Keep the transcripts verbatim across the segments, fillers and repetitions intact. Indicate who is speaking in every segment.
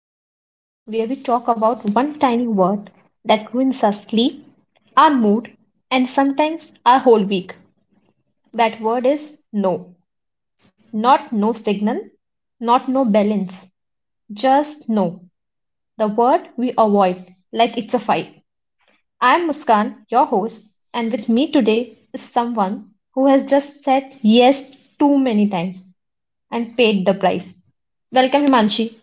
Speaker 1: to a podcast where we talk about one tiny word that ruins our sleep, our mood, and sometimes our whole week. That word is no. Not no signal, not no balance, just no. The word we avoid like it's a fight. I'm Muskan, your host, and with me today is someone who has just said yes too many times and paid the price. Welcome, Himanshi.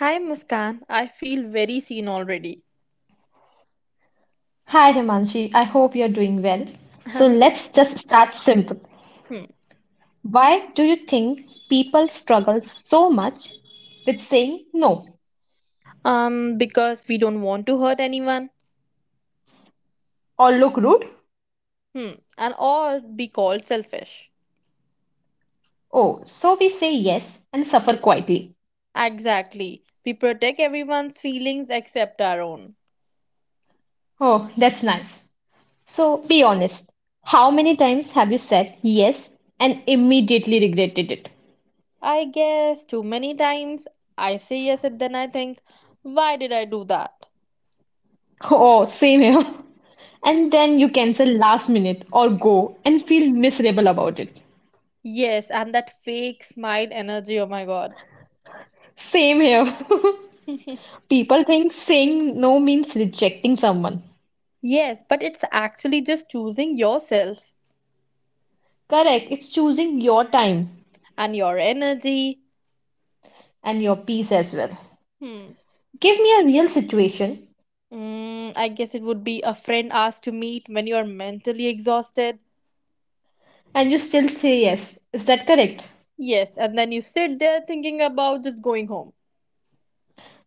Speaker 2: Hi Muskan, I feel very seen already.
Speaker 1: Hi Himanshi, I hope you're doing well. So
Speaker 2: I'm just
Speaker 1: let's
Speaker 2: fine.
Speaker 1: just start simple.
Speaker 2: hmm.
Speaker 1: Why do you think people struggle so much with saying no
Speaker 2: Um, because we don't want to hurt anyone.
Speaker 1: or look rude?
Speaker 2: Hmm. And or be called selfish.
Speaker 1: Oh, so we say yes and suffer quietly.
Speaker 2: Exactly. We protect everyone's feelings except our own.
Speaker 1: Oh, that's nice. So be honest. How many times have you said yes and immediately regretted it?
Speaker 2: I guess too many times I say yes and then I think, why did I do that?
Speaker 1: Oh, same here. And
Speaker 2: Mhm.
Speaker 1: then you cancel last minute or go and feel miserable about it.
Speaker 2: Yes, and that fake smile energy, oh my god.
Speaker 1: Same here. People think saying no means rejecting someone.
Speaker 2: Yes, but it's actually just choosing yourself
Speaker 1: Correct, it's choosing your time
Speaker 2: and your energy.
Speaker 1: and your peace as well.
Speaker 2: Hmm.
Speaker 1: Give me a real situation
Speaker 2: Mm, I guess it would be a friend asked to meet when you're mentally exhausted.
Speaker 1: and you still say yes. Is that correct?
Speaker 2: Yes, and then you sit there thinking about just going home.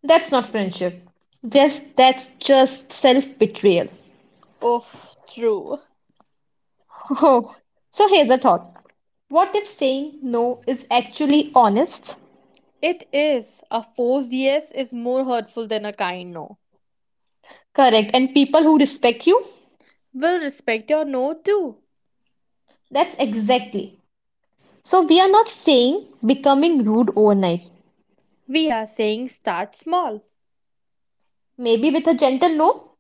Speaker 1: That's not friendship. Just that's just self-betrayal.
Speaker 2: Oh, true.
Speaker 1: Oh, so here's a thought. What if saying no is actually honest,
Speaker 2: It is. A forced yes is more hurtful than a kind no.
Speaker 1: correct, and people who respect you?
Speaker 2: We'll respect your no too.
Speaker 1: That's exactly. So we are not saying becoming rude overnight.
Speaker 2: We are saying start small.
Speaker 1: Maybe with a gentle no,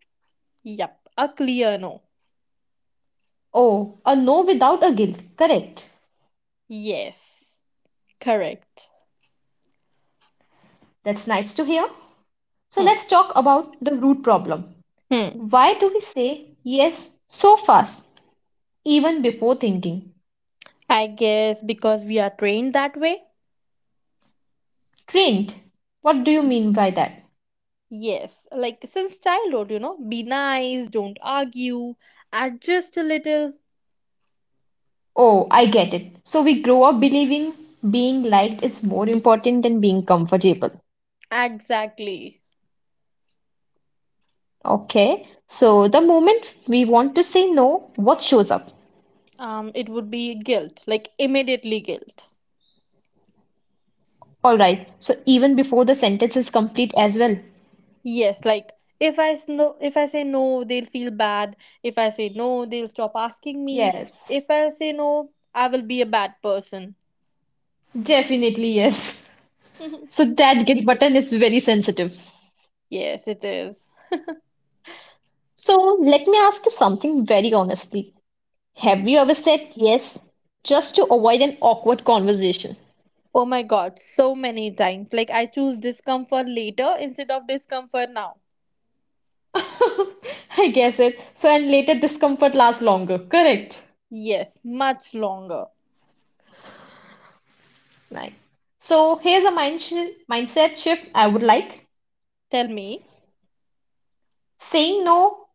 Speaker 2: Yep, a clear no.
Speaker 1: oh, a no without a guilt. Correct.
Speaker 2: Yes, correct.
Speaker 1: That's nice to hear. So let's
Speaker 2: Hmm.
Speaker 1: talk about the root problem.
Speaker 2: Hmm.
Speaker 1: Why do we say yes so fast, even before thinking?
Speaker 2: I guess because we are trained that way.
Speaker 1: Trained. What do you mean by that?
Speaker 2: Yes, like since childhood, you know, be nice, don't argue, adjust a little.
Speaker 1: Oh, I get it. So we grow up believing being liked is more important than being comfortable.
Speaker 2: Exactly.
Speaker 1: Okay. So the moment we want to say no, what shows up?
Speaker 2: Um, it would be guilt, like immediately guilt.
Speaker 1: All right. So even before the sentence is complete as well.
Speaker 2: Yes, like if I no, if I say no, they'll feel bad. If I say no, they'll stop asking me.
Speaker 1: Yes.
Speaker 2: If I say no, I will be a bad person.
Speaker 1: Definitely yes. So that get button is very sensitive.
Speaker 2: Yes, it is.
Speaker 1: So let me ask you something very honestly.
Speaker 2: Hmm.
Speaker 1: Have you ever said yes just to avoid an awkward conversation?
Speaker 2: Oh my God, so many times. Like I choose discomfort later instead of discomfort now.
Speaker 1: I guess it. So and later discomfort lasts longer. Correct.
Speaker 2: Yes, much longer.
Speaker 1: Right. So here's a mind shi- mindset shift I would like.
Speaker 2: Tell me.
Speaker 1: Saying no,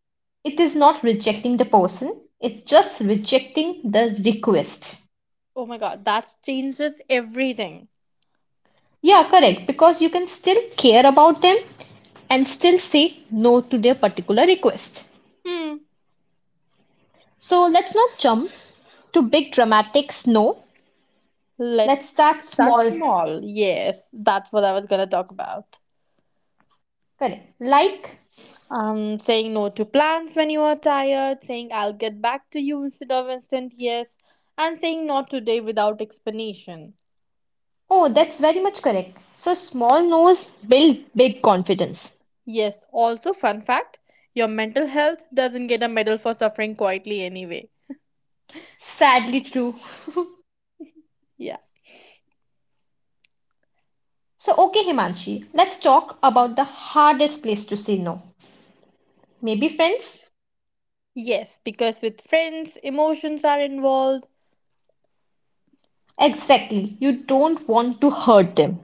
Speaker 1: it is not rejecting the person. It's just rejecting the request.
Speaker 2: Oh my god, that changes everything.
Speaker 1: Yeah, correct. Because you can still care about them and still say no to their particular request.
Speaker 2: Hmm.
Speaker 1: So let's not jump to big dramatic no. Let's
Speaker 2: Let's
Speaker 1: start
Speaker 2: start
Speaker 1: small.
Speaker 2: small. Yes, that's what I was gonna talk about.
Speaker 1: Correct. Like,
Speaker 2: Um, saying no to plans when you are tired, saying I'll get back to you instead of instant yes, and saying not today without explanation.
Speaker 1: oh, that's very much correct. So small no's build big confidence.
Speaker 2: Yes, also, fun fact, your mental health doesn't get a medal for suffering quietly anyway.
Speaker 1: Sadly true.
Speaker 2: Yeah.
Speaker 1: So, okay, Himanshi, let's talk about the hardest place to say no. Maybe friends?
Speaker 2: Yes, because with friends, emotions are involved.
Speaker 1: Exactly. You don't want to hurt them.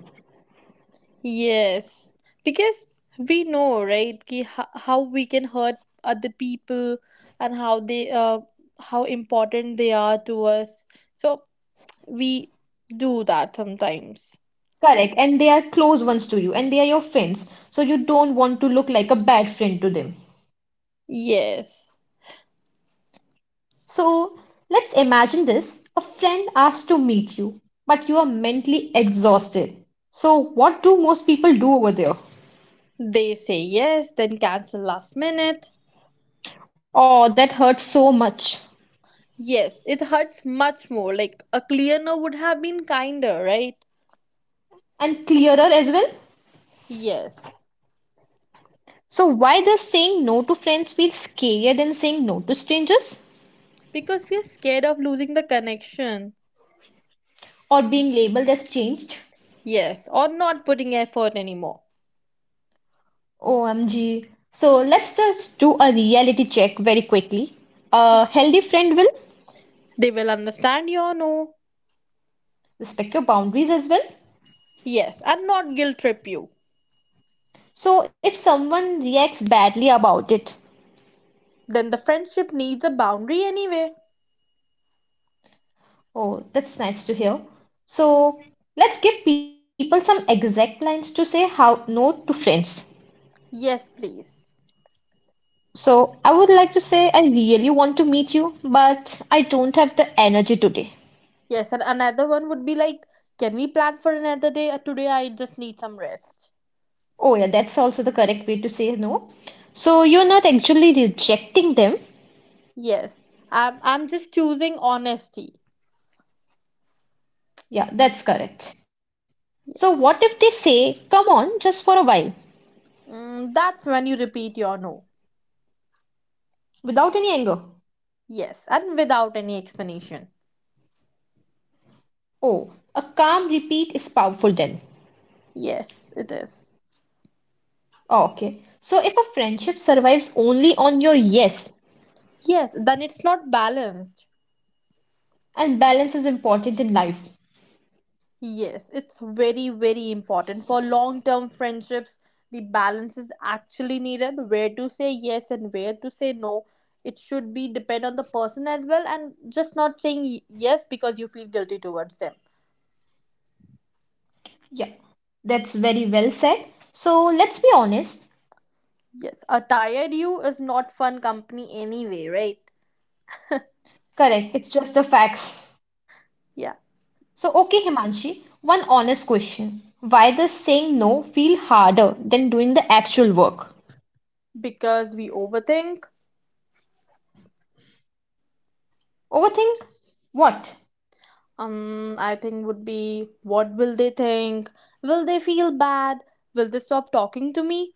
Speaker 2: Yes, because we know, right, ki ho- how we can hurt other people and how they uh, how important they are to us. So we do that sometimes.
Speaker 1: Correct. And they are close ones to you and they are your friends. So you don't want to look like a bad friend to them.
Speaker 2: Yes.
Speaker 1: So let's imagine this. A friend asks to meet you, but you are mentally exhausted. So what do most people do over there?
Speaker 2: They say yes, then cancel last minute.
Speaker 1: Oh, that hurts so much.
Speaker 2: Yes, it hurts much more. Like a clear no would have been kinder, right?
Speaker 1: And clearer as well.
Speaker 2: Yes.
Speaker 1: So why does saying no to friends feel scarier than saying no to strangers?
Speaker 2: Because we are scared of losing the connection.
Speaker 1: Or being labeled as changed?
Speaker 2: Yes, or not putting effort anymore.
Speaker 1: O M G. So let's just do a reality check very quickly. A healthy friend will
Speaker 2: They will understand your no.
Speaker 1: respect your boundaries as well.
Speaker 2: Yes, and not guilt trip you.
Speaker 1: So if someone reacts badly about it,
Speaker 2: Then the friendship needs a boundary anyway.
Speaker 1: oh, that's nice to hear. So let's give people some exact lines to say how no to friends.
Speaker 2: Yes, please.
Speaker 1: So I would like to say I really want to meet you, but I don't have the energy today.
Speaker 2: Yes, and another one would be like, can we plan for another day? Uh, Today I just need some rest.
Speaker 1: Oh yeah, that's also the correct way to say no. So you're not actually rejecting them.
Speaker 2: Yes, I'm, I'm just choosing honesty.
Speaker 1: Yeah, that's correct. So, what
Speaker 2: Yes.
Speaker 1: if they say, come on, just for a while,
Speaker 2: Mm, that's when you repeat your no.
Speaker 1: without any anger?
Speaker 2: Yes, and without any explanation.
Speaker 1: Oh, a calm repeat is powerful then.
Speaker 2: Yes, it is.
Speaker 1: Oh, okay. So, if a friendship survives only on your yes,
Speaker 2: Yes, then it's not balanced.
Speaker 1: and balance is important in life.
Speaker 2: Yes, it's very, very important. For long term friendships, the balance is actually needed where to say yes and where to say no. It should be depend on the person as well and just not saying y- yes because you feel guilty towards them.
Speaker 1: Yeah, that's very well said. So, let's be honest.
Speaker 2: Yes, a tired you is not fun company anyway, right?
Speaker 1: Correct, it's just the facts.
Speaker 2: Yeah,
Speaker 1: So, okay, Himanshi, one honest question. Why does saying no feel harder than doing the actual work?
Speaker 2: because we overthink.
Speaker 1: Overthink? What?
Speaker 2: Um, I think would be, what will they think? Will they feel bad? Will they stop talking to me?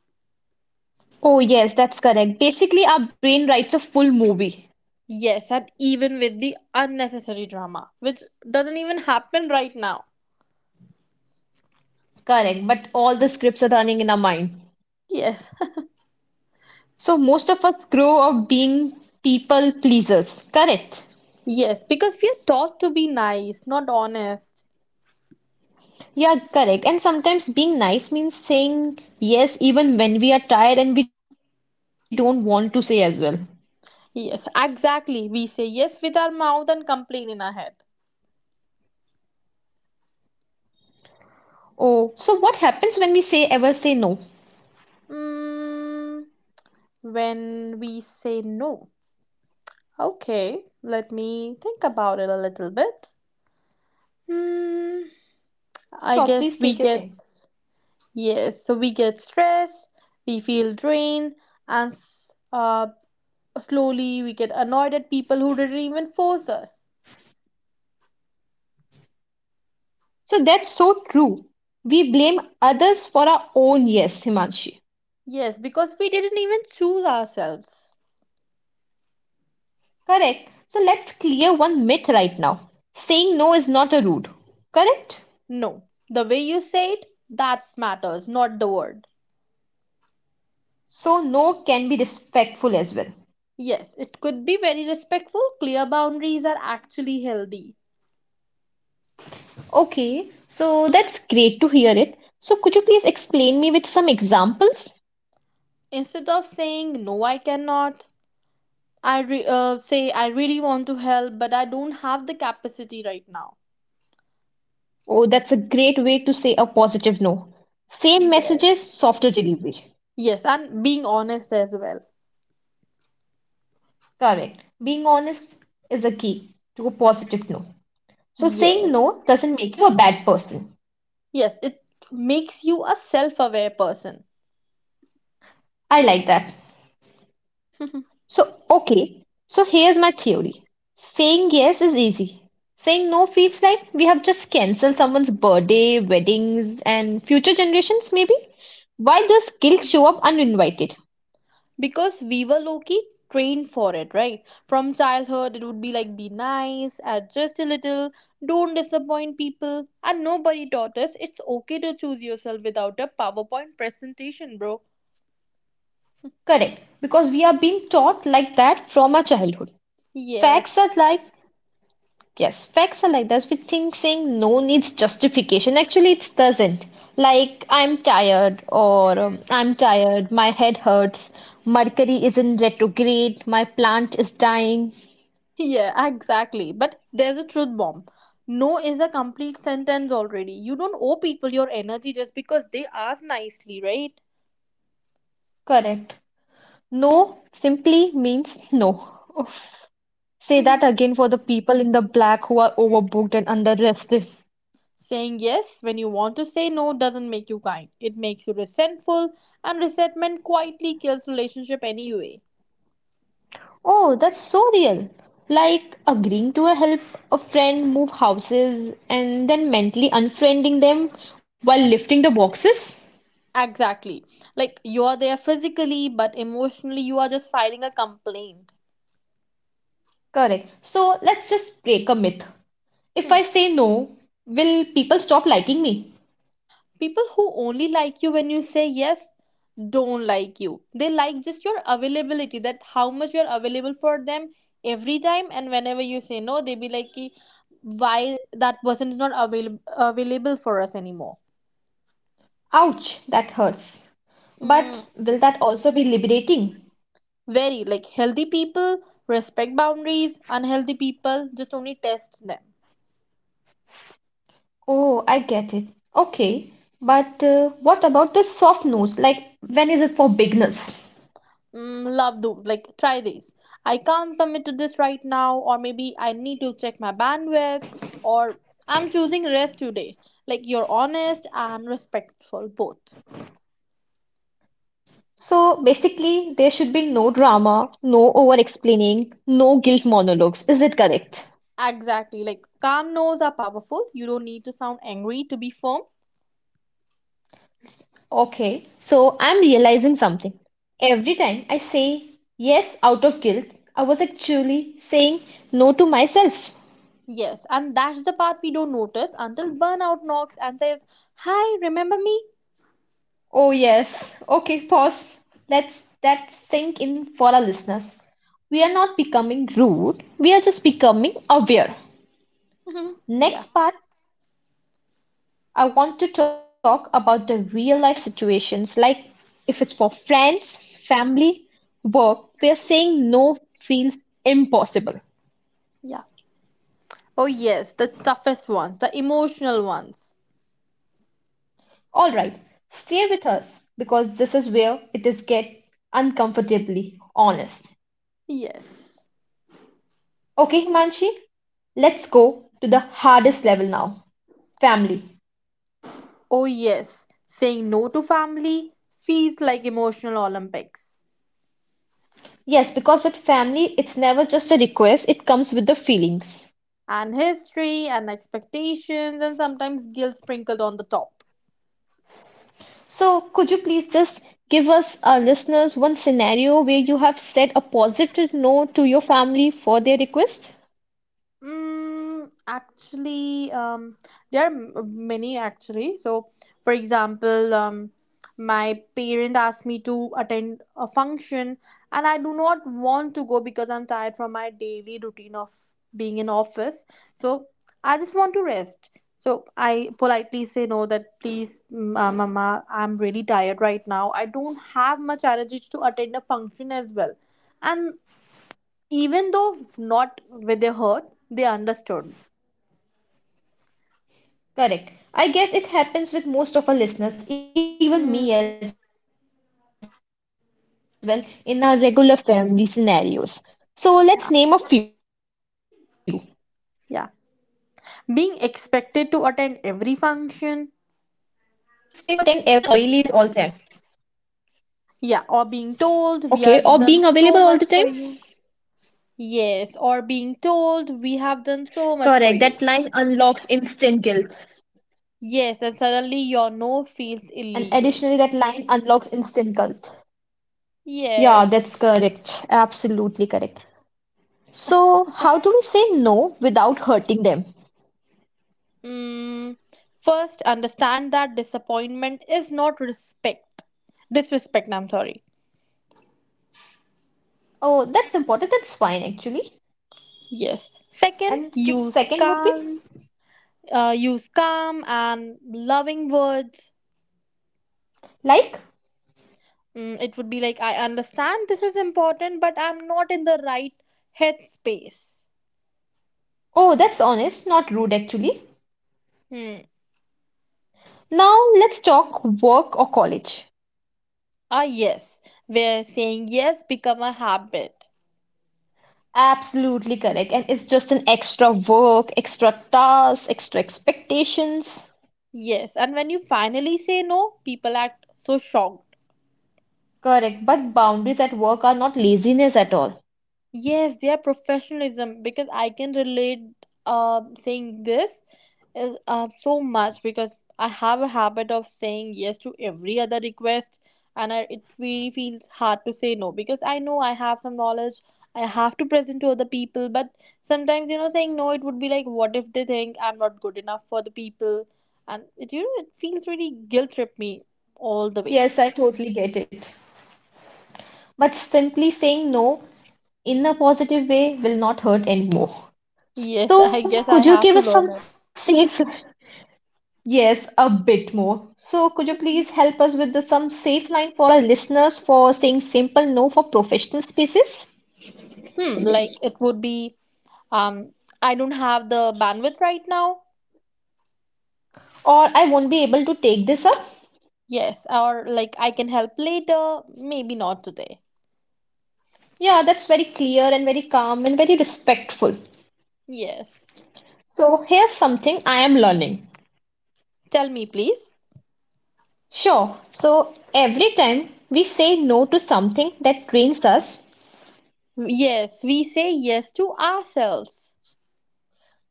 Speaker 1: Oh, yes, that's correct. Basically, our brain writes a full movie.
Speaker 2: Yes, and even with the unnecessary drama, which doesn't even happen right now.
Speaker 1: Correct, but all the scripts are running in our mind.
Speaker 2: Yes.
Speaker 1: So most of us grow up being people pleasers. Correct.
Speaker 2: Yes, because we are taught to be nice, not honest.
Speaker 1: Yeah, correct. And sometimes being nice means saying yes even when we are tired and we don't want to say as well.
Speaker 2: Yes, exactly. We say yes with our mouth and complain in our head.
Speaker 1: Oh, so what happens when we say ever say no?
Speaker 2: Mm, when we say no, okay, let me think about it a little bit. Hmm.
Speaker 1: Sure, please take your time.
Speaker 2: I guess we get, yes, so we get stressed, we feel drained, and s- uh, slowly, we get annoyed at people who didn't even force us.
Speaker 1: So that's so true. We blame others for our own yes, Himanshi.
Speaker 2: Yes, because we didn't even choose ourselves.
Speaker 1: Correct. So let's clear one myth right now. Saying no is not a rude. Correct?
Speaker 2: No, the way you say it, that matters, not the word.
Speaker 1: So no can be respectful as well.
Speaker 2: Yes, it could be very respectful. Clear boundaries are actually healthy.
Speaker 1: Okay, so that's great to hear it. So could you please explain me with some examples?
Speaker 2: Instead of saying, no, I cannot, I re- uh, say, I really want to help, but I don't have the capacity right now.
Speaker 1: Oh, that's a great way to say a positive no. Same
Speaker 2: Yes.
Speaker 1: messages, softer delivery.
Speaker 2: Yes, and being honest as well.
Speaker 1: Correct. Being honest is a key to a positive no. So saying
Speaker 2: Yes.
Speaker 1: no doesn't make you a bad person.
Speaker 2: Yes, it makes you a self aware person.
Speaker 1: I like that. So, okay, so here's my theory. Saying yes is easy. Saying no feels like we have just cancelled someone's birthday, weddings, and future generations, maybe. Why does guilt show up uninvited?
Speaker 2: Because we were low-key trained for it right from childhood. It would be like, be nice, add just a little, don't disappoint people, and nobody taught us it's okay to choose yourself without a powerpoint presentation, bro.
Speaker 1: Correct, because we are being taught like that from our childhood.
Speaker 2: Yes.
Speaker 1: Facts are like. Yes, facts are like that. We think saying no needs justification. Actually, it doesn't. Like, I'm tired, or um, I'm tired, my head hurts, Mercury is in retrograde, my plant is dying.
Speaker 2: Yeah, exactly, but there's a truth bomb. No is a complete sentence already. You don't owe people your energy just because they ask nicely, right?
Speaker 1: Correct. No simply means no. Oof. Say that again for the people in the black who are overbooked and underrested.
Speaker 2: Saying yes when you want to say no doesn't make you kind. It makes you resentful, and resentment quietly kills relationship anyway.
Speaker 1: Oh, that's so real. Like agreeing to help a friend move houses and then mentally unfriending them while lifting the boxes?
Speaker 2: Exactly. Like you are there physically, but emotionally you are just filing a complaint.
Speaker 1: Correct. So let's just break a myth. If I
Speaker 2: Hmm.
Speaker 1: say no, will people stop liking me?
Speaker 2: People who only like you when you say yes don't like you. They like just your availability, that how much you're available for them every time, and whenever you say no, they be like, "Ki, why that person is not available available for us anymore."
Speaker 1: Ouch, that hurts.
Speaker 2: Hmm.
Speaker 1: But will that also be liberating?
Speaker 2: Very like, healthy people respect boundaries, unhealthy people just only test them.
Speaker 1: Oh, I get it. Okay. But uh, what about the soft no's? Like, when is it for beginners?
Speaker 2: Mm, love those. Like, try this. I can't commit to this right now, or maybe I need to check my bandwidth, or I'm choosing rest today. Like, you're honest and respectful, both.
Speaker 1: So basically, there should be no drama, no over explaining, no guilt monologues. Is that correct?
Speaker 2: Exactly. Like, calm no's are powerful. You don't need to sound angry to be firm.
Speaker 1: Okay, so I'm realizing something. Every time I say yes out of guilt, I was actually saying no to myself.
Speaker 2: Yes, and that's the part we don't notice until burnout knocks and says, hi, remember me?
Speaker 1: Oh yes. Okay, pause. Let's that sink in for our listeners. We are not becoming rude, we are just becoming aware.
Speaker 2: Yeah,
Speaker 1: Next part I want to talk about the real life situations, like if it's for friends, family, work, where saying no feels impossible.
Speaker 2: yeah. Oh, yes, the toughest ones, the emotional ones.
Speaker 1: All right, stay with us because this is where it is get uncomfortably honest.
Speaker 2: Yes.
Speaker 1: Okay, Himanshi, let's go to the hardest level now, family.
Speaker 2: Oh, yes, saying no to family feels like emotional Olympics.
Speaker 1: Yes, because with family, it's never just a request, it comes with the feelings.
Speaker 2: And history and expectations, and sometimes guilt sprinkled on the top.
Speaker 1: So, could you please just give us, our listeners, one scenario where you have said a positive no to your family for their request?
Speaker 2: Mm, actually, um, there are m- many actually. So, for example, um, my parent asked me to attend a function, and I do not want to go because I'm tired from my daily routine of being in office. So, I just want to rest. So, I politely say no that, please, mm, uh, Mama, I'm really tired right now. I don't have much energy to attend a function as well. And even though not with their hurt, they understood.
Speaker 1: Correct. I guess it happens with most of our
Speaker 2: Mm,
Speaker 1: listeners, even me as well, in our regular family scenarios. So, let's
Speaker 2: yeah.
Speaker 1: name a few.
Speaker 2: Yeah. Being
Speaker 1: Being
Speaker 2: expected to attend
Speaker 1: expected to
Speaker 2: every
Speaker 1: attend every
Speaker 2: function.
Speaker 1: function or being available at all time.
Speaker 2: Yeah. Or being
Speaker 1: Okay,
Speaker 2: told, we
Speaker 1: or being
Speaker 2: have done
Speaker 1: available all the
Speaker 2: so
Speaker 1: time?
Speaker 2: much for you. Yes. Or being told, we have done so much
Speaker 1: Correct.
Speaker 2: for
Speaker 1: That
Speaker 2: you.
Speaker 1: line unlocks instant guilt.
Speaker 2: Yes. And suddenly your no feels
Speaker 1: And
Speaker 2: illegal.
Speaker 1: additionally, that line unlocks instant guilt. Yeah,
Speaker 2: Yes.
Speaker 1: that's correct. Absolutely correct. So, how do we say no without hurting them?
Speaker 2: Mm. First, understand that disappointment is not respect. Disrespect, I'm sorry.
Speaker 1: Oh, that's important. That's fine, actually.
Speaker 2: Yes. Second,
Speaker 1: And
Speaker 2: use
Speaker 1: the second
Speaker 2: calm,
Speaker 1: would be
Speaker 2: uh, use calm and loving words.
Speaker 1: like,
Speaker 2: Mm, it would be like, I understand this is important, but I'm not in the right headspace.
Speaker 1: oh, that's honest, not rude, actually.
Speaker 2: Hmm.
Speaker 1: Now, let's talk work or college.
Speaker 2: Ah, yes, where saying yes become a habit.
Speaker 1: Absolutely correct. And it's just an extra work, extra task, extra expectations.
Speaker 2: Yes, and when you finally say no, people act so shocked.
Speaker 1: Correct. But boundaries at work are not laziness at all.
Speaker 2: Yes, their professionalism, because I can relate. Uh, Saying this is uh, so much because I have a habit of saying yes to every other request, and I, it really feels hard to say no because I know I have some knowledge I have to present to other people, but sometimes, you know, saying no, it would be like, what if they think I'm not good enough for the people? And it, you know, it feels really guilt trip me all the way.
Speaker 1: Yes, I totally get it. But simply saying no in a positive way will not hurt anymore. So,
Speaker 2: Yes.
Speaker 1: could
Speaker 2: I
Speaker 1: you give
Speaker 2: guess
Speaker 1: us
Speaker 2: I
Speaker 1: some
Speaker 2: have to learn
Speaker 1: safe?
Speaker 2: it.
Speaker 1: Yes, a bit more. So, could you please help us with the, some safe line for our listeners for saying simple no for professional spaces?
Speaker 2: Hmm, like, it would be, um I don't have the bandwidth right now.
Speaker 1: Or I won't be able to take this up?
Speaker 2: Yes, or like, I can help later, maybe not today.
Speaker 1: Yeah, that's very clear and very calm and very respectful.
Speaker 2: Yes,
Speaker 1: So, here's something I am learning.
Speaker 2: tell me, please.
Speaker 1: Sure, so every time we say no to something that drains us,
Speaker 2: Yes, we say yes to ourselves.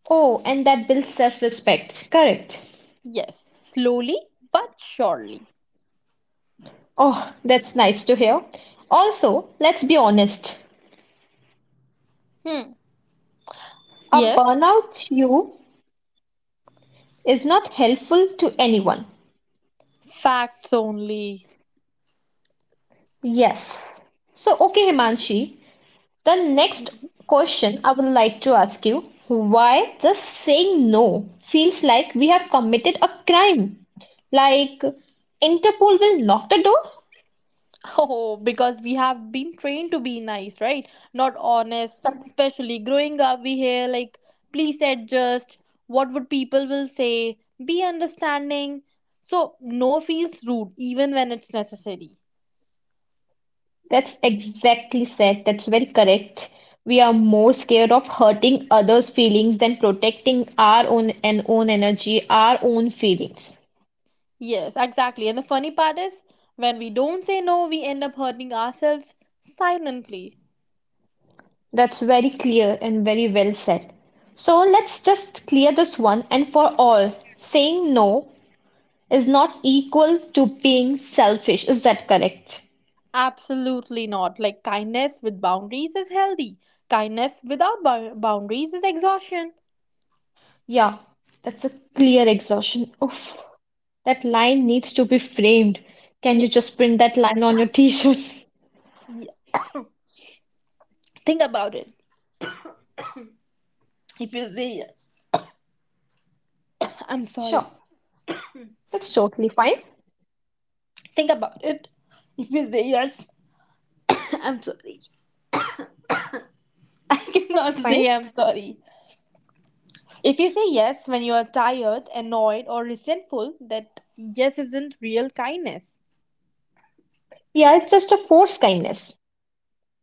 Speaker 1: oh, and that builds self-respect. Correct.
Speaker 2: Yes, slowly but surely.
Speaker 1: Oh, that's nice to hear. Also, let's be honest,
Speaker 2: Hmm.
Speaker 1: a
Speaker 2: Yes,
Speaker 1: burnout you is not helpful to anyone.
Speaker 2: facts only.
Speaker 1: Yes. So, okay, Himanshi, the next question I would like to ask you why just saying no feels like we have committed a crime? Like, Interpol will knock the door?
Speaker 2: Oh, because we have been trained to be nice, right? Not honest. Especially growing up, we hear like, please adjust. What would people will say? Be understanding. So no feels rude, even when it's necessary.
Speaker 1: That's exactly said. That's very correct. We are more scared of hurting others' feelings than protecting our own and own energy, our own feelings.
Speaker 2: Yes, exactly. And the funny part is, when we don't say no, we end up hurting ourselves silently.
Speaker 1: That's very clear and very well said. So let's just clear this one and for all. Saying no is not equal to being selfish. Is that correct?
Speaker 2: Absolutely not. Like kindness with boundaries is healthy. Kindness without bou- boundaries is exhaustion.
Speaker 1: Yeah, that's a clear exhaustion. Oof, that line needs to be framed. Can
Speaker 2: Yeah,
Speaker 1: you just print that line on your t-shirt?
Speaker 2: yeah. Think about it. If you say yes, I'm sorry.
Speaker 1: Sure. That's totally fine.
Speaker 2: Think about it. If you say yes, I'm sorry. I cannot
Speaker 1: That's
Speaker 2: say I'm
Speaker 1: fine.
Speaker 2: sorry. If you say yes when you are tired, annoyed, or resentful, that yes isn't real kindness.
Speaker 1: Yeah, it's just a forced kindness.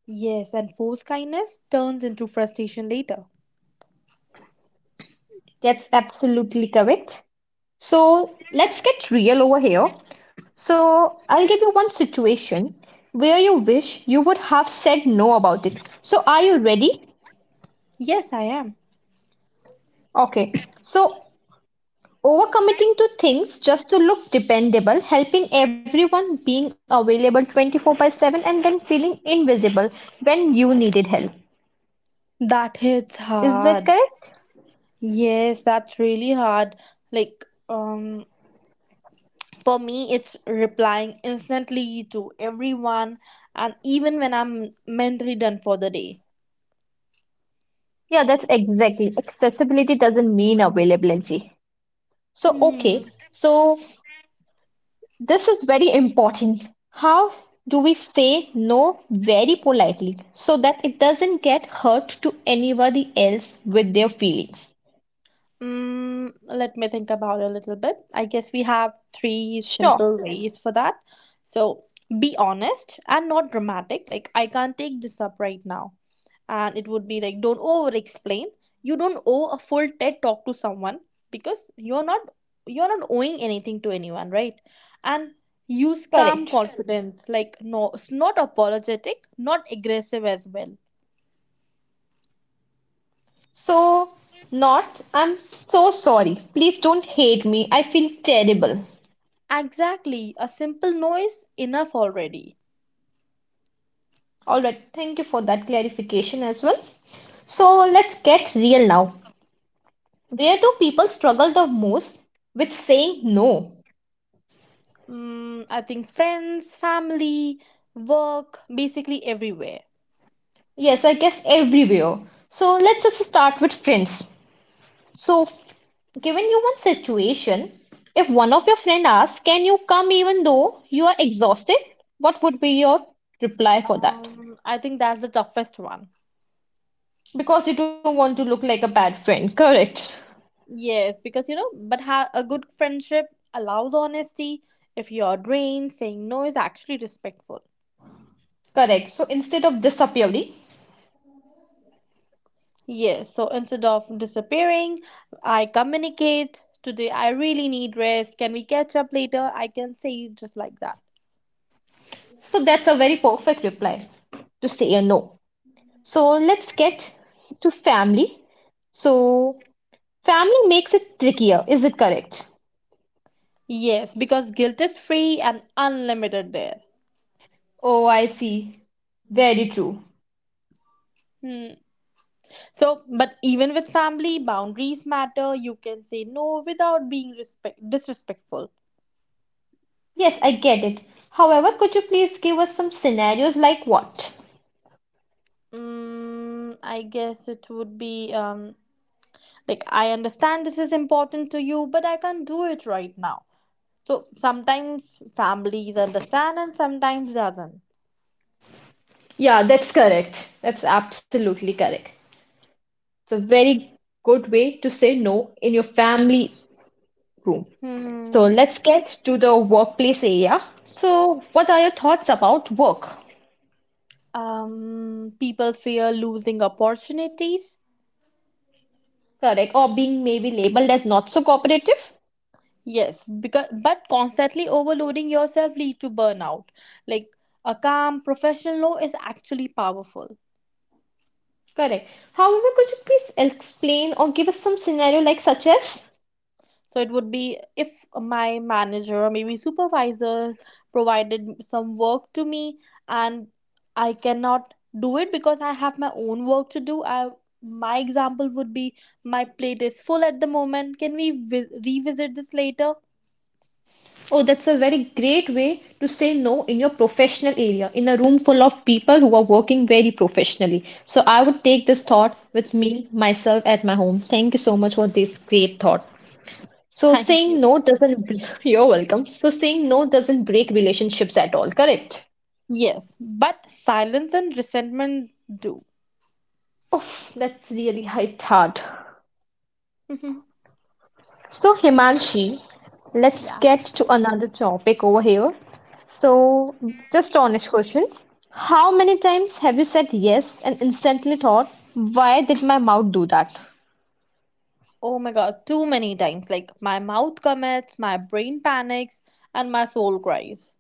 Speaker 2: Yes, and forced kindness turns into frustration later.
Speaker 1: That's absolutely correct. So let's get real over here. So I'll give you one situation where you wish you would have said no about it. So are you ready?
Speaker 2: Yes, I am.
Speaker 1: Okay. So overcommitting to things just to look dependable, helping everyone, being available twenty-four by seven, and then feeling invisible when you needed help.
Speaker 2: That hits
Speaker 1: Is that
Speaker 2: hard.
Speaker 1: correct?
Speaker 2: Yes, that's really hard. Like, um, for me, it's replying instantly to everyone, and even when I'm mentally done for the day.
Speaker 1: Yeah, that's exactly. Accessibility doesn't mean availability. So,
Speaker 2: Hmm.
Speaker 1: okay, so this is very important. How do we say no very politely so that it doesn't get hurt to anybody else with their feelings?
Speaker 2: Mm, let me think about it a little bit. I guess we have three
Speaker 1: Sure,
Speaker 2: simple ways for that. So, be honest and not dramatic. Like, I can't take this up right now. And it would be like, don't over explain. You don't owe a full ted talk to someone, because you're not you're not owing anything to anyone, right? And use calm
Speaker 1: correct.
Speaker 2: confidence. Like, no. It's not apologetic, not aggressive as well.
Speaker 1: So, not, I'm so sorry. Please don't hate me. I feel terrible.
Speaker 2: Exactly, a simple no is enough already.
Speaker 1: All right, thank you for that clarification as well. So let's get real now. Where do people struggle the most with saying no?
Speaker 2: Mm, I think friends, family, work, basically everywhere.
Speaker 1: Yes, I guess everywhere. So let's just start with friends. So, f- Given you one situation, if one of your friend asks, "Can you come even though you are exhausted?" What would be your reply for that?
Speaker 2: Um, I think that's the toughest one.
Speaker 1: Because you don't want to look like a bad friend, correct?
Speaker 2: Yes, because you know, but ha- a good friendship allows honesty. If you're drained, saying no is actually respectful.
Speaker 1: Correct. So instead of disappearing,
Speaker 2: Yes, so instead of disappearing, I communicate, today I really need rest. Can we catch up later? I can say it just like that.
Speaker 1: so that's a very perfect reply to say a no. So let's get to family. So, family makes it trickier, is it correct?
Speaker 2: Yes, because guilt is free and unlimited there.
Speaker 1: Oh, I see. Very true.
Speaker 2: Hmm. So, but even with family, boundaries matter. You can say no without being respect disrespectful.
Speaker 1: Yes, I get it. However, could you please give us some scenarios like what?
Speaker 2: Mm, I guess it would be um like I understand this is important to you, but I can't do it right now. So sometimes families understand and sometimes doesn't.
Speaker 1: Yeah, that's correct. That's absolutely correct. It's a very good way to say no in your family room. So
Speaker 2: hmm
Speaker 1: let's get to the workplace area. So, what are your thoughts about work?
Speaker 2: um People fear losing opportunities.
Speaker 1: Correct, or being maybe labeled as not so cooperative?
Speaker 2: Yes because but Constantly overloading yourself lead to burnout, like a calm professional law is actually powerful.
Speaker 1: Correct. However, could you please explain or give us some scenario like such as?
Speaker 2: So it would be if my manager or maybe supervisor provided some work to me, and I cannot do it because I have my own work to do. I My example would be my plate is full at the moment. Can we vi- revisit this later?
Speaker 1: Oh, that's a very great way to say no in your professional area, in a room full of people who are working very professionally. So I would take this thought with me, myself at my home. Thank you so much for this great thought. So
Speaker 2: Thank
Speaker 1: saying
Speaker 2: you.
Speaker 1: no doesn't, you're welcome. So saying no doesn't break relationships at all, correct?
Speaker 2: Yes, but silence and resentment do.
Speaker 1: Oof, that's really hit hard.
Speaker 2: Mhm.
Speaker 1: So, Himanshi, let's
Speaker 2: Yeah.
Speaker 1: get to another topic over here. So, just honest question. How many times have you said yes and instantly thought, why did my mouth do that?
Speaker 2: Oh my god, too many times. Like my mouth commits, my brain panics, and my soul cries.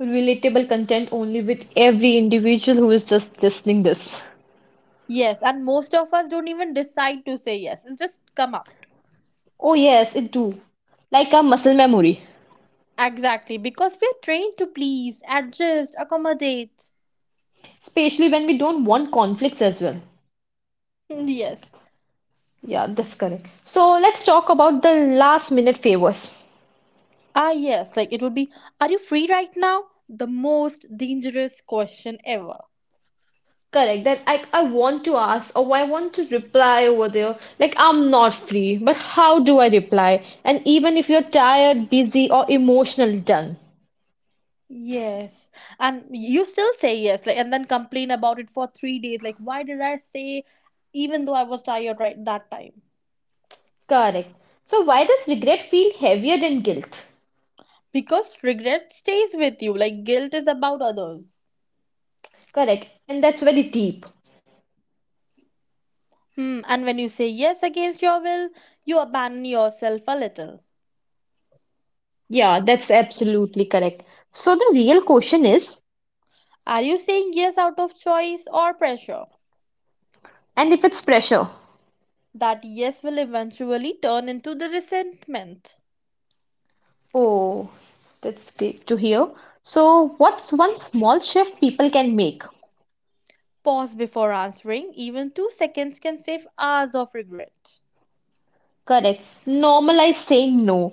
Speaker 1: Relatable content only with every individual who is just listening this.
Speaker 2: Yes, and most of us don't even decide to say yes. It's just come out.
Speaker 1: Oh yes, it do. Like a muscle memory.
Speaker 2: Exactly, because we're trained to please, adjust, accommodate.
Speaker 1: Especially when we don't want conflicts as well.
Speaker 2: Mm, Yes.
Speaker 1: Yeah, that's correct. So let's talk about the last minute favors.
Speaker 2: Ah, yes, like it would be, are you free right now? The most dangerous question ever.
Speaker 1: Correct. That I I want to ask or I want to reply over there. Like I'm not free, but how do I reply? And even if you're tired, busy, or emotionally done.
Speaker 2: Yes. And you still say yes, like and then complain about it for three days. Like, why did I say even though I was tired right that time?
Speaker 1: Correct. So why does regret feel heavier than guilt?
Speaker 2: Because regret stays with you. Like guilt is about others.
Speaker 1: Correct. And that's very deep.
Speaker 2: Hmm, and when you say yes against your will, you abandon yourself a little.
Speaker 1: Yeah, that's absolutely correct. So the real question is,
Speaker 2: Are you saying yes out of choice or pressure?
Speaker 1: and if it's pressure?
Speaker 2: That yes will eventually turn into the resentment.
Speaker 1: Oh, that's great to hear. So what's one small shift people can make?
Speaker 2: Pause before answering, even two seconds can save hours of regret.
Speaker 1: Correct. Normalize saying no.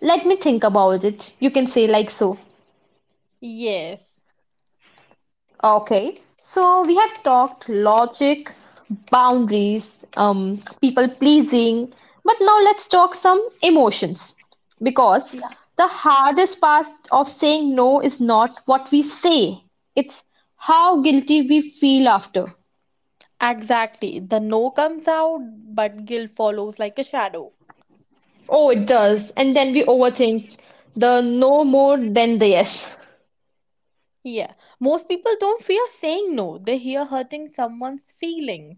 Speaker 1: Let me think about it. You can say like so.
Speaker 2: Yes.
Speaker 1: Okay. So we have talked logic, boundaries, um, people pleasing, but now let's talk some emotions. Because
Speaker 2: Yeah.
Speaker 1: the hardest part of saying no is not what we say, it's how guilty we feel after.
Speaker 2: Exactly. The no comes out, but guilt follows like a shadow.
Speaker 1: Oh, it does. And then we overthink the no more than the yes.
Speaker 2: Yeah. Most people don't fear saying no, they fear hurting someone's feelings.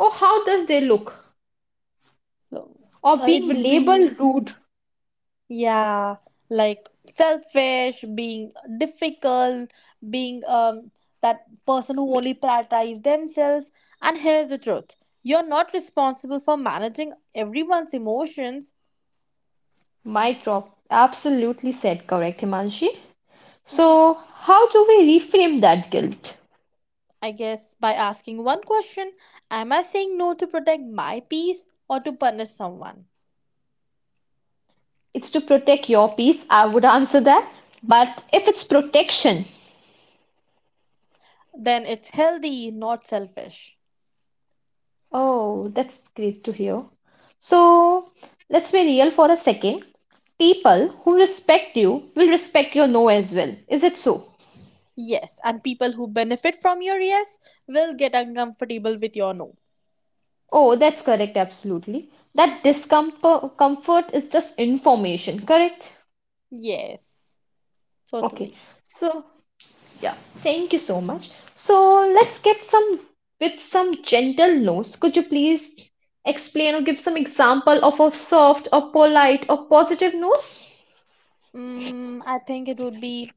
Speaker 1: Oh, how does they look?
Speaker 2: So,
Speaker 1: Or
Speaker 2: uh, it
Speaker 1: being
Speaker 2: would be.
Speaker 1: labeled rude.
Speaker 2: Yeah, like selfish, being difficult, being um that person who
Speaker 1: M-
Speaker 2: only prioritizes themselves. And here's the truth. You're not responsible for managing everyone's emotions.
Speaker 1: Mic drop. Absolutely said. Correct, Himanshi. So, how do we reframe that guilt?
Speaker 2: I guess by asking one question, am I saying no to protect my peace or to punish someone?
Speaker 1: It's to protect your peace. I would answer that. But if it's protection,
Speaker 2: Then it's healthy, not selfish.
Speaker 1: oh, that's great to hear. So, let's be real for a second. People who respect you will respect your no as well. Is it so?
Speaker 2: Yes, and people who benefit from your yes will get uncomfortable with your no.
Speaker 1: Oh, that's correct, absolutely. That discomfort comfort is just information, correct?
Speaker 2: Yes,
Speaker 1: Okay.
Speaker 2: totally.
Speaker 1: So, yeah, thank you so much. So let's get some with some gentle notes. Could you please explain or give some example of a soft or polite or positive notes?
Speaker 2: Mm, I think it would be,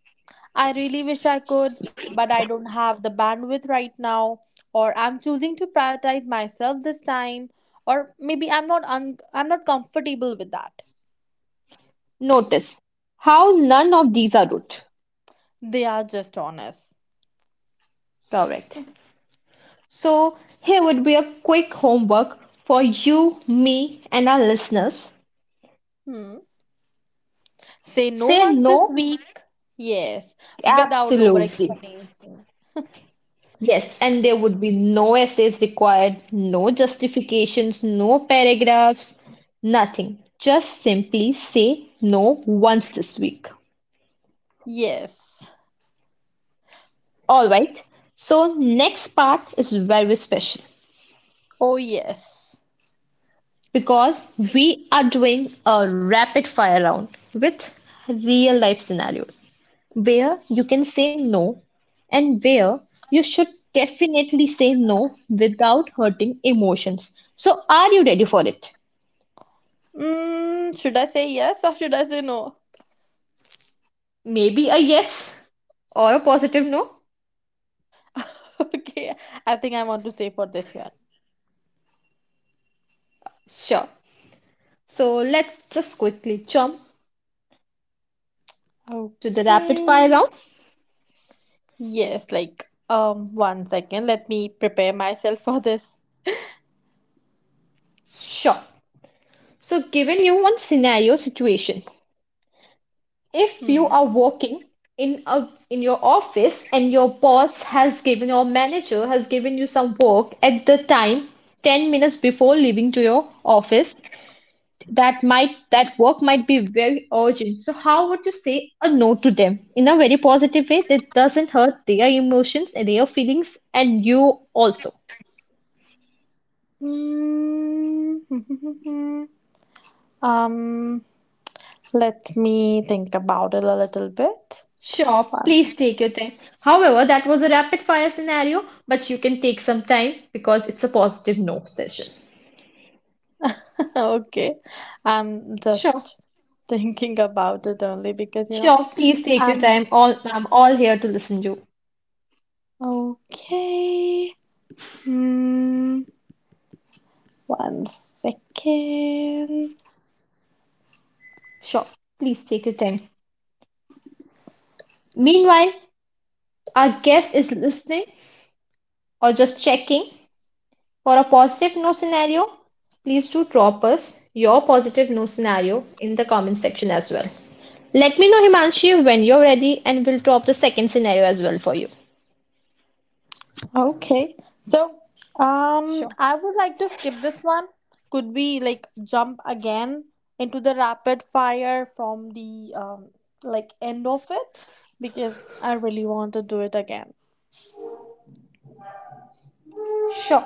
Speaker 2: I really wish I could, but I don't have the bandwidth right now, or I'm choosing to prioritize myself this time, or maybe I'm not un I'm not comfortable with that.
Speaker 1: Notice how none of these are rude.
Speaker 2: They are just honest.
Speaker 1: Correct. So here would be a quick homework for you, me, and our listeners.
Speaker 2: Hmm. Say no
Speaker 1: Say
Speaker 2: once this
Speaker 1: no
Speaker 2: week. Yes, without over
Speaker 1: absolutely.
Speaker 2: explanation.
Speaker 1: Yes, and there would be no essays required, no justifications, no paragraphs, nothing. Just simply say no once this week.
Speaker 2: Yes.
Speaker 1: All right. So next part is very special
Speaker 2: Oh yes.
Speaker 1: because we are doing a rapid fire round with real life scenarios where you can say no and where you should definitely say no without hurting emotions. So are you ready for it?
Speaker 2: Mm, should I say yes or should I say no?
Speaker 1: Maybe a yes or a positive no?
Speaker 2: Okay, I think I want to say for this one.
Speaker 1: Sure. So let's just quickly jump to the rapid fire
Speaker 2: Okay.
Speaker 1: round.
Speaker 2: Yes, like um one second, let me prepare myself for this.
Speaker 1: Sure. So given you one scenario situation, if you
Speaker 2: Hmm.
Speaker 1: are working in a in your office and your boss has given your manager has given you some work at the time ten minutes before leaving to your office that might that work might be very urgent, so how would you say a no to them in a very positive way that doesn't hurt their emotions and their feelings and you also,
Speaker 2: Mm, um let me think about it a little bit.
Speaker 1: sure
Speaker 2: One.
Speaker 1: please take your time, however that was a rapid fire scenario but you can take some time because it's a positive no session.
Speaker 2: Okay. I'm
Speaker 1: Sure,
Speaker 2: just thinking about it only because you know
Speaker 1: sure please take your
Speaker 2: I'm
Speaker 1: time, all I'm all here to listen to you.
Speaker 2: okay. Hmm. One second.
Speaker 1: Sure, please take your time meanwhile our guest is listening or just checking. For a positive no scenario, please do drop us your positive no scenario in the comment section as well. Let me know, Himanshi, when you're ready, and we'll drop the second scenario as well for you.
Speaker 2: Okay. So, um,
Speaker 1: Sure,
Speaker 2: I would like to skip this one. Could we like jump again into the rapid fire from the um like end of it? Because I really want to do it again.
Speaker 1: sure.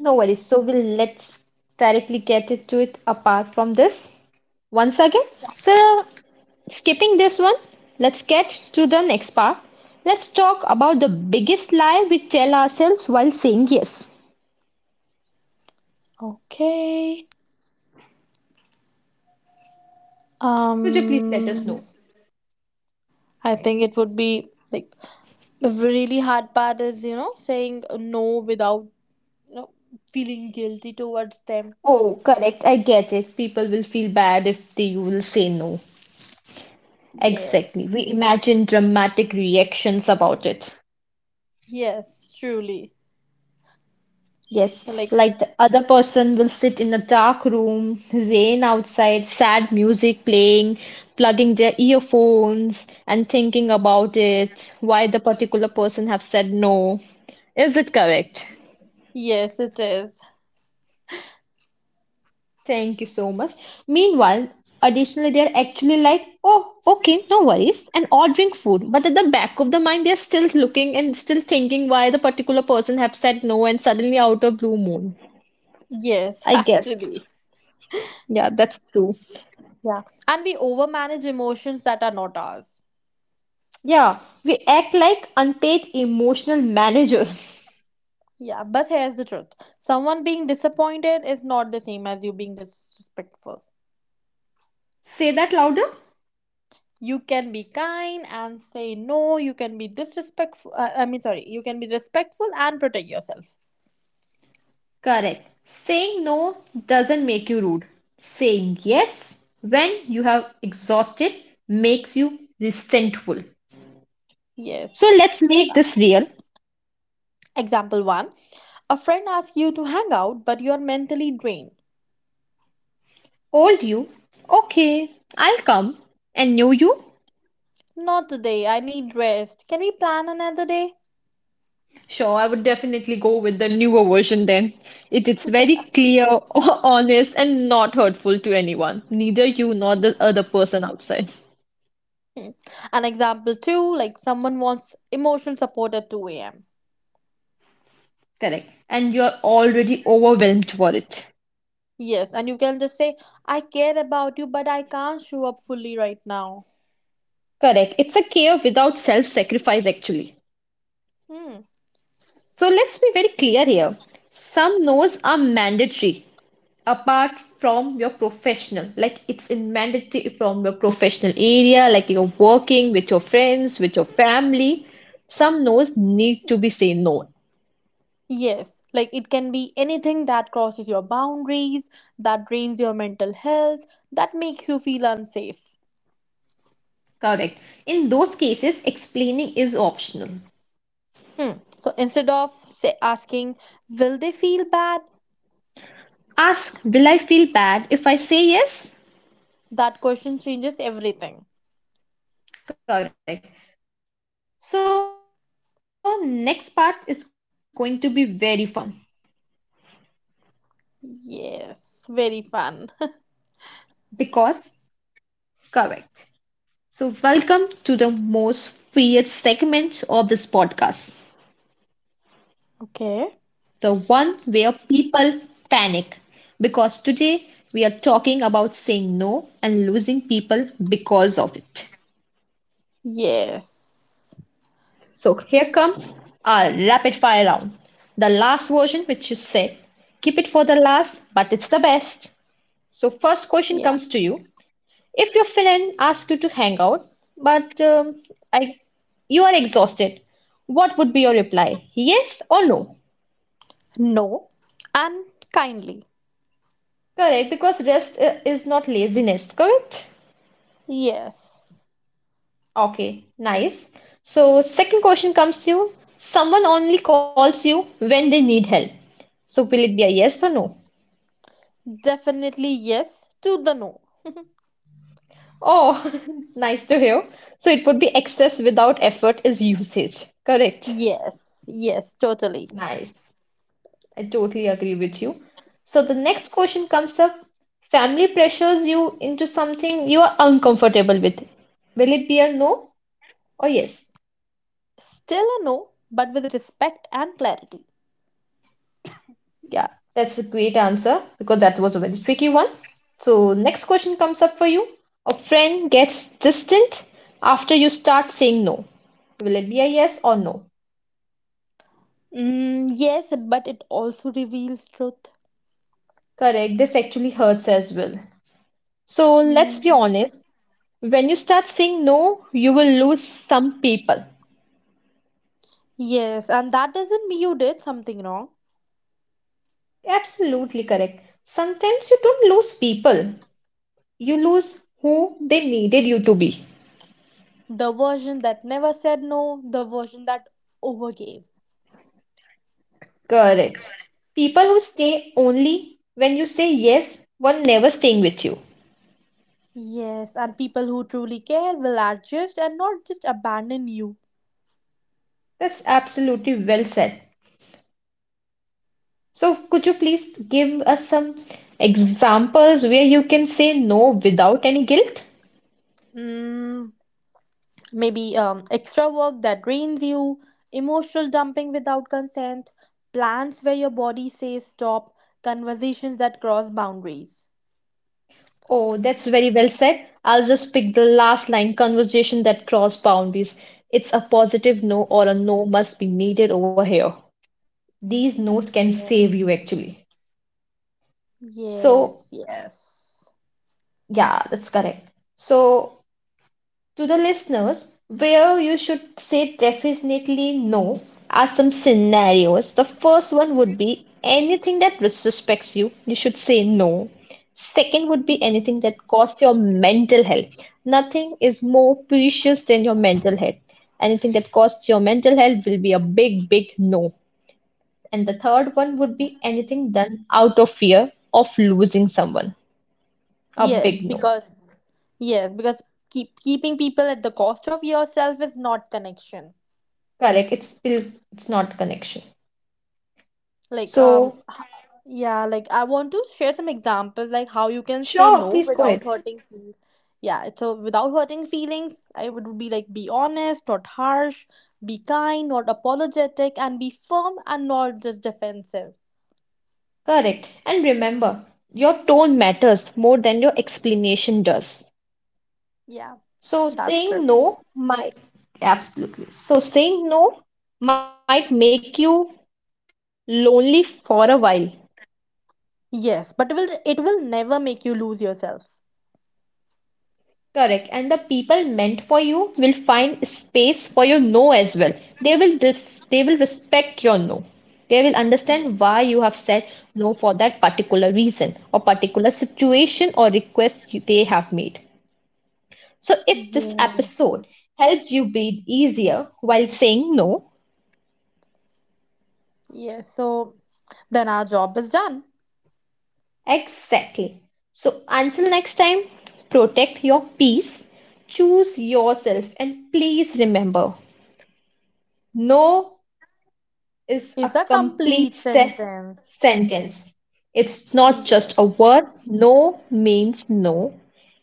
Speaker 1: No worries. So we'll let's directly get into it apart from this once again. So skipping this one, let's get to the next part. Let's talk about the biggest lie we tell ourselves while saying yes.
Speaker 2: Okay.
Speaker 1: Could you please let us
Speaker 2: Um,
Speaker 1: know.
Speaker 2: I think it would be like the really hard part is, you know, saying no without, you know, feeling guilty towards them.
Speaker 1: Oh, correct. I get it. People will feel bad if they will say no.
Speaker 2: Yes.
Speaker 1: Exactly. We imagine dramatic reactions about it.
Speaker 2: Yes, truly.
Speaker 1: Yes,
Speaker 2: Like,
Speaker 1: like the other person will sit in a dark room, rain outside, sad music playing, plugging their earphones and thinking about it, why the particular person have said no. Is it correct?
Speaker 2: yes, it is.
Speaker 1: Thank you so much. Meanwhile, additionally, they're actually like, oh, okay, no worries, and ordering food. But at the back of the mind, they're still looking and still thinking why the particular person have said no, and suddenly out of blue moon.
Speaker 2: Yes,
Speaker 1: I guess.
Speaker 2: actually.
Speaker 1: Yeah, that's true.
Speaker 2: Yeah. And we overmanage emotions that are not ours.
Speaker 1: Yeah, we act like unpaid emotional managers.
Speaker 2: Yeah, but here's the truth. Someone being disappointed is not the same as you being disrespectful.
Speaker 1: Say that louder.
Speaker 2: You can be kind and say no, you can be disrespectful. Uh, I mean, sorry, you can be respectful and protect yourself.
Speaker 1: Correct. Saying no doesn't make you rude. Saying yes when you have exhausted makes you resentful.
Speaker 2: Yes.
Speaker 1: So let's make this real.
Speaker 2: Example one. A friend asks you to hang out, but you are mentally drained.
Speaker 1: Old you? Okay, I'll come. And new you?
Speaker 2: Not today, I need rest. Can we plan another day?
Speaker 1: Sure, I would definitely go with the newer version then. It is very clear, honest, and not hurtful to anyone, neither you nor the other person outside.
Speaker 2: Hmm. An example too, like someone wants emotional support at two a m.
Speaker 1: Correct. And you're already overwhelmed for it.
Speaker 2: Yes, and you can just say, I care about you, but I can't show up fully right now.
Speaker 1: Correct. It's a care without self sacrifice, actually.
Speaker 2: Hmm.
Speaker 1: So let's be very clear here. Some no's are mandatory, apart from your professional like it's in mandatory from your professional area like you're working with your friends with your family, some no's need to be say no,
Speaker 2: Yes, like it can be anything that crosses your boundaries, that drains your mental health, that makes you feel unsafe.
Speaker 1: correct, in those cases explaining is optional.
Speaker 2: Hmm. So instead of say, asking, will they feel bad?
Speaker 1: Ask will I feel bad if I say yes.
Speaker 2: That question changes everything.
Speaker 1: Correct. So next part is going to be very fun
Speaker 2: Yes, very fun.
Speaker 1: because correct so welcome to the most weird segment of this podcast.
Speaker 2: Okay.
Speaker 1: The one where people panic because today we are talking about saying no and losing people because of it.
Speaker 2: Yes.
Speaker 1: So here comes our rapid fire round. The last version which you said, keep it for the last, but it's the best. So first question
Speaker 2: Yeah.
Speaker 1: comes to you. If your friend asks you to hang out, but um, I, you are exhausted, what would be your reply? Yes or no?
Speaker 2: No, and kindly.
Speaker 1: Correct, because rest uh, is not laziness, correct?
Speaker 2: Yes,
Speaker 1: Okay, nice. So, second question comes to you. Someone only calls you when they need help. So, will it be a yes or no?
Speaker 2: definitely yes to the no.
Speaker 1: Oh, nice to hear. So, it would be excess without effort is usage. Correct.
Speaker 2: Yes, yes, totally.
Speaker 1: Nice. I totally agree with you. So, the next question comes up. Family pressures you into something you are uncomfortable with. Will it be a no or yes?
Speaker 2: Still a no, but with respect and clarity.
Speaker 1: Yeah, that's a great answer because that was a very tricky one. So, next question comes up for you. A friend gets distant after you start saying no. Will it be a yes or no?
Speaker 2: Mm, yes, but it also reveals truth.
Speaker 1: Correct, this actually hurts as well. So, let's be
Speaker 2: Mm.
Speaker 1: honest. When you start saying no, you will lose some people.
Speaker 2: Yes, and that doesn't mean you did something wrong.
Speaker 1: Absolutely correct. Sometimes you don't lose people, you lose who they needed you to be.
Speaker 2: The version that never said no, the version that overgave.
Speaker 1: Correct. People who stay only when you say yes, one never staying with you.
Speaker 2: Yes, and people who truly care will adjust and not just abandon you.
Speaker 1: That's absolutely well said. So, could you please give us some examples where you can say no without any guilt?
Speaker 2: Mm, maybe um, extra work that drains you, emotional dumping without consent, plans where your body says stop, conversations that cross boundaries.
Speaker 1: Oh, that's very well said. I'll just pick the last line conversation that cross boundaries. It's a positive no or a no must be needed over here. These no's can save you
Speaker 2: Yeah.
Speaker 1: actually.
Speaker 2: Yes,
Speaker 1: So,
Speaker 2: yes.
Speaker 1: yeah, that's correct. So, to the listeners, where you should say definitely no are some scenarios. The first one would be anything that disrespects you, you should say no. Second would be anything that costs your mental health. Nothing is more precious than your mental health. Anything that costs your mental health will be a big, big no. And the third one would be anything done out of fear of losing someone. A
Speaker 2: Yes,
Speaker 1: big no.
Speaker 2: because yes, because keep keeping people at the cost of yourself is not connection.
Speaker 1: Correct. It's still it's not connection.
Speaker 2: Like um
Speaker 1: So
Speaker 2: h- yeah, like I want to share some examples like how you can say
Speaker 1: sure,
Speaker 2: no
Speaker 1: please go
Speaker 2: without
Speaker 1: ahead.
Speaker 2: hurting feelings. Yeah, it's so without hurting feelings, I would be like be honest not harsh, be kind not apologetic, and be firm and not just defensive.
Speaker 1: Correct. And remember, your tone matters more than your explanation does.
Speaker 2: Yeah,
Speaker 1: So
Speaker 2: that's true.
Speaker 1: saying no might absolutely. So saying no might make you lonely for a while.
Speaker 2: Yes, but it will it will never make you lose yourself.
Speaker 1: Correct. And the people meant for you will find space for your no as well. They will res they will respect your no. They will understand
Speaker 2: Yes.
Speaker 1: why you have said no for that particular reason or particular situation or request you- they have made. So, if this
Speaker 2: Yes,
Speaker 1: episode helped you breathe easier while saying no,
Speaker 2: yes. So then our job is done.
Speaker 1: exactly. So, until next time, protect your peace, choose yourself, and please remember no is a
Speaker 2: Is a
Speaker 1: complete
Speaker 2: complete
Speaker 1: se-
Speaker 2: sentence.
Speaker 1: sentence. It's not
Speaker 2: Yes.
Speaker 1: just a word. No means no,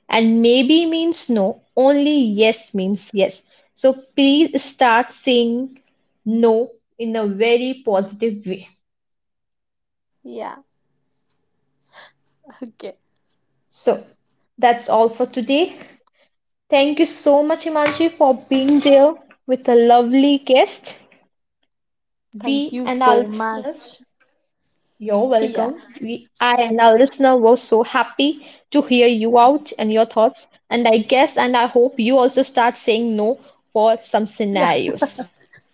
Speaker 1: and maybe means no. Only yes means yes. So please start saying no in a very positive way.
Speaker 2: Yeah. Okay.
Speaker 1: So that's all for today. Thank you so much, Imanji, for being there with a lovely guest.
Speaker 2: Thank
Speaker 1: We
Speaker 2: you
Speaker 1: and our
Speaker 2: so much.
Speaker 1: listeners you're welcome.
Speaker 2: Yeah,
Speaker 1: We, I and our listener were so happy to hear you out and your thoughts. And I guess and I hope you also start saying no for some
Speaker 2: yeah,
Speaker 1: scenarios.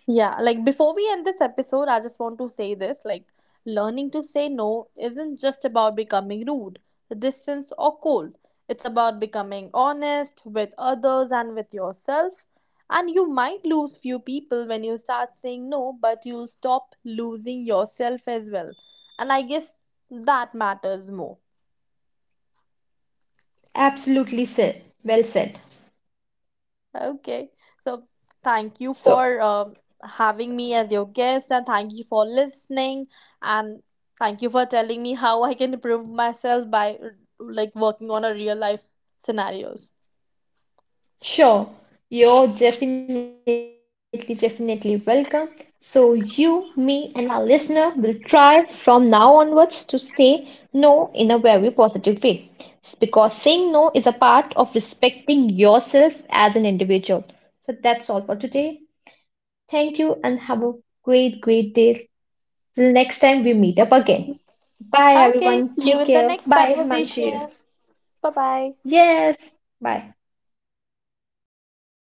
Speaker 2: yeah. Like, before we end this episode, I just want to say this like, learning to say no isn't just about becoming rude, distant, or cold. It's about becoming honest with others and with yourself. And you might lose few people when you start saying no, but you'll stop losing yourself as well. And I guess that matters more.
Speaker 1: Absolutely said. Well said.
Speaker 2: Okay. So thank you
Speaker 1: So
Speaker 2: for um having me as your guest, and thank you for listening, and thank you for telling me how I can improve myself by r- like working on a real life scenarios.
Speaker 1: sure, you're definitely, definitely welcome. So, you, me, and our listener will try from now onwards to say no in a very positive way. It's because saying no is a part of respecting yourself as an individual. So, that's all for today. Thank you and have a great, great day. Till next time we meet up again. Bye,
Speaker 2: Okay.
Speaker 1: everyone.
Speaker 2: See you
Speaker 1: Take
Speaker 2: in the
Speaker 1: care.
Speaker 2: next
Speaker 1: Bye, Manshi.
Speaker 2: conversation. Bye bye.
Speaker 1: Yes, bye.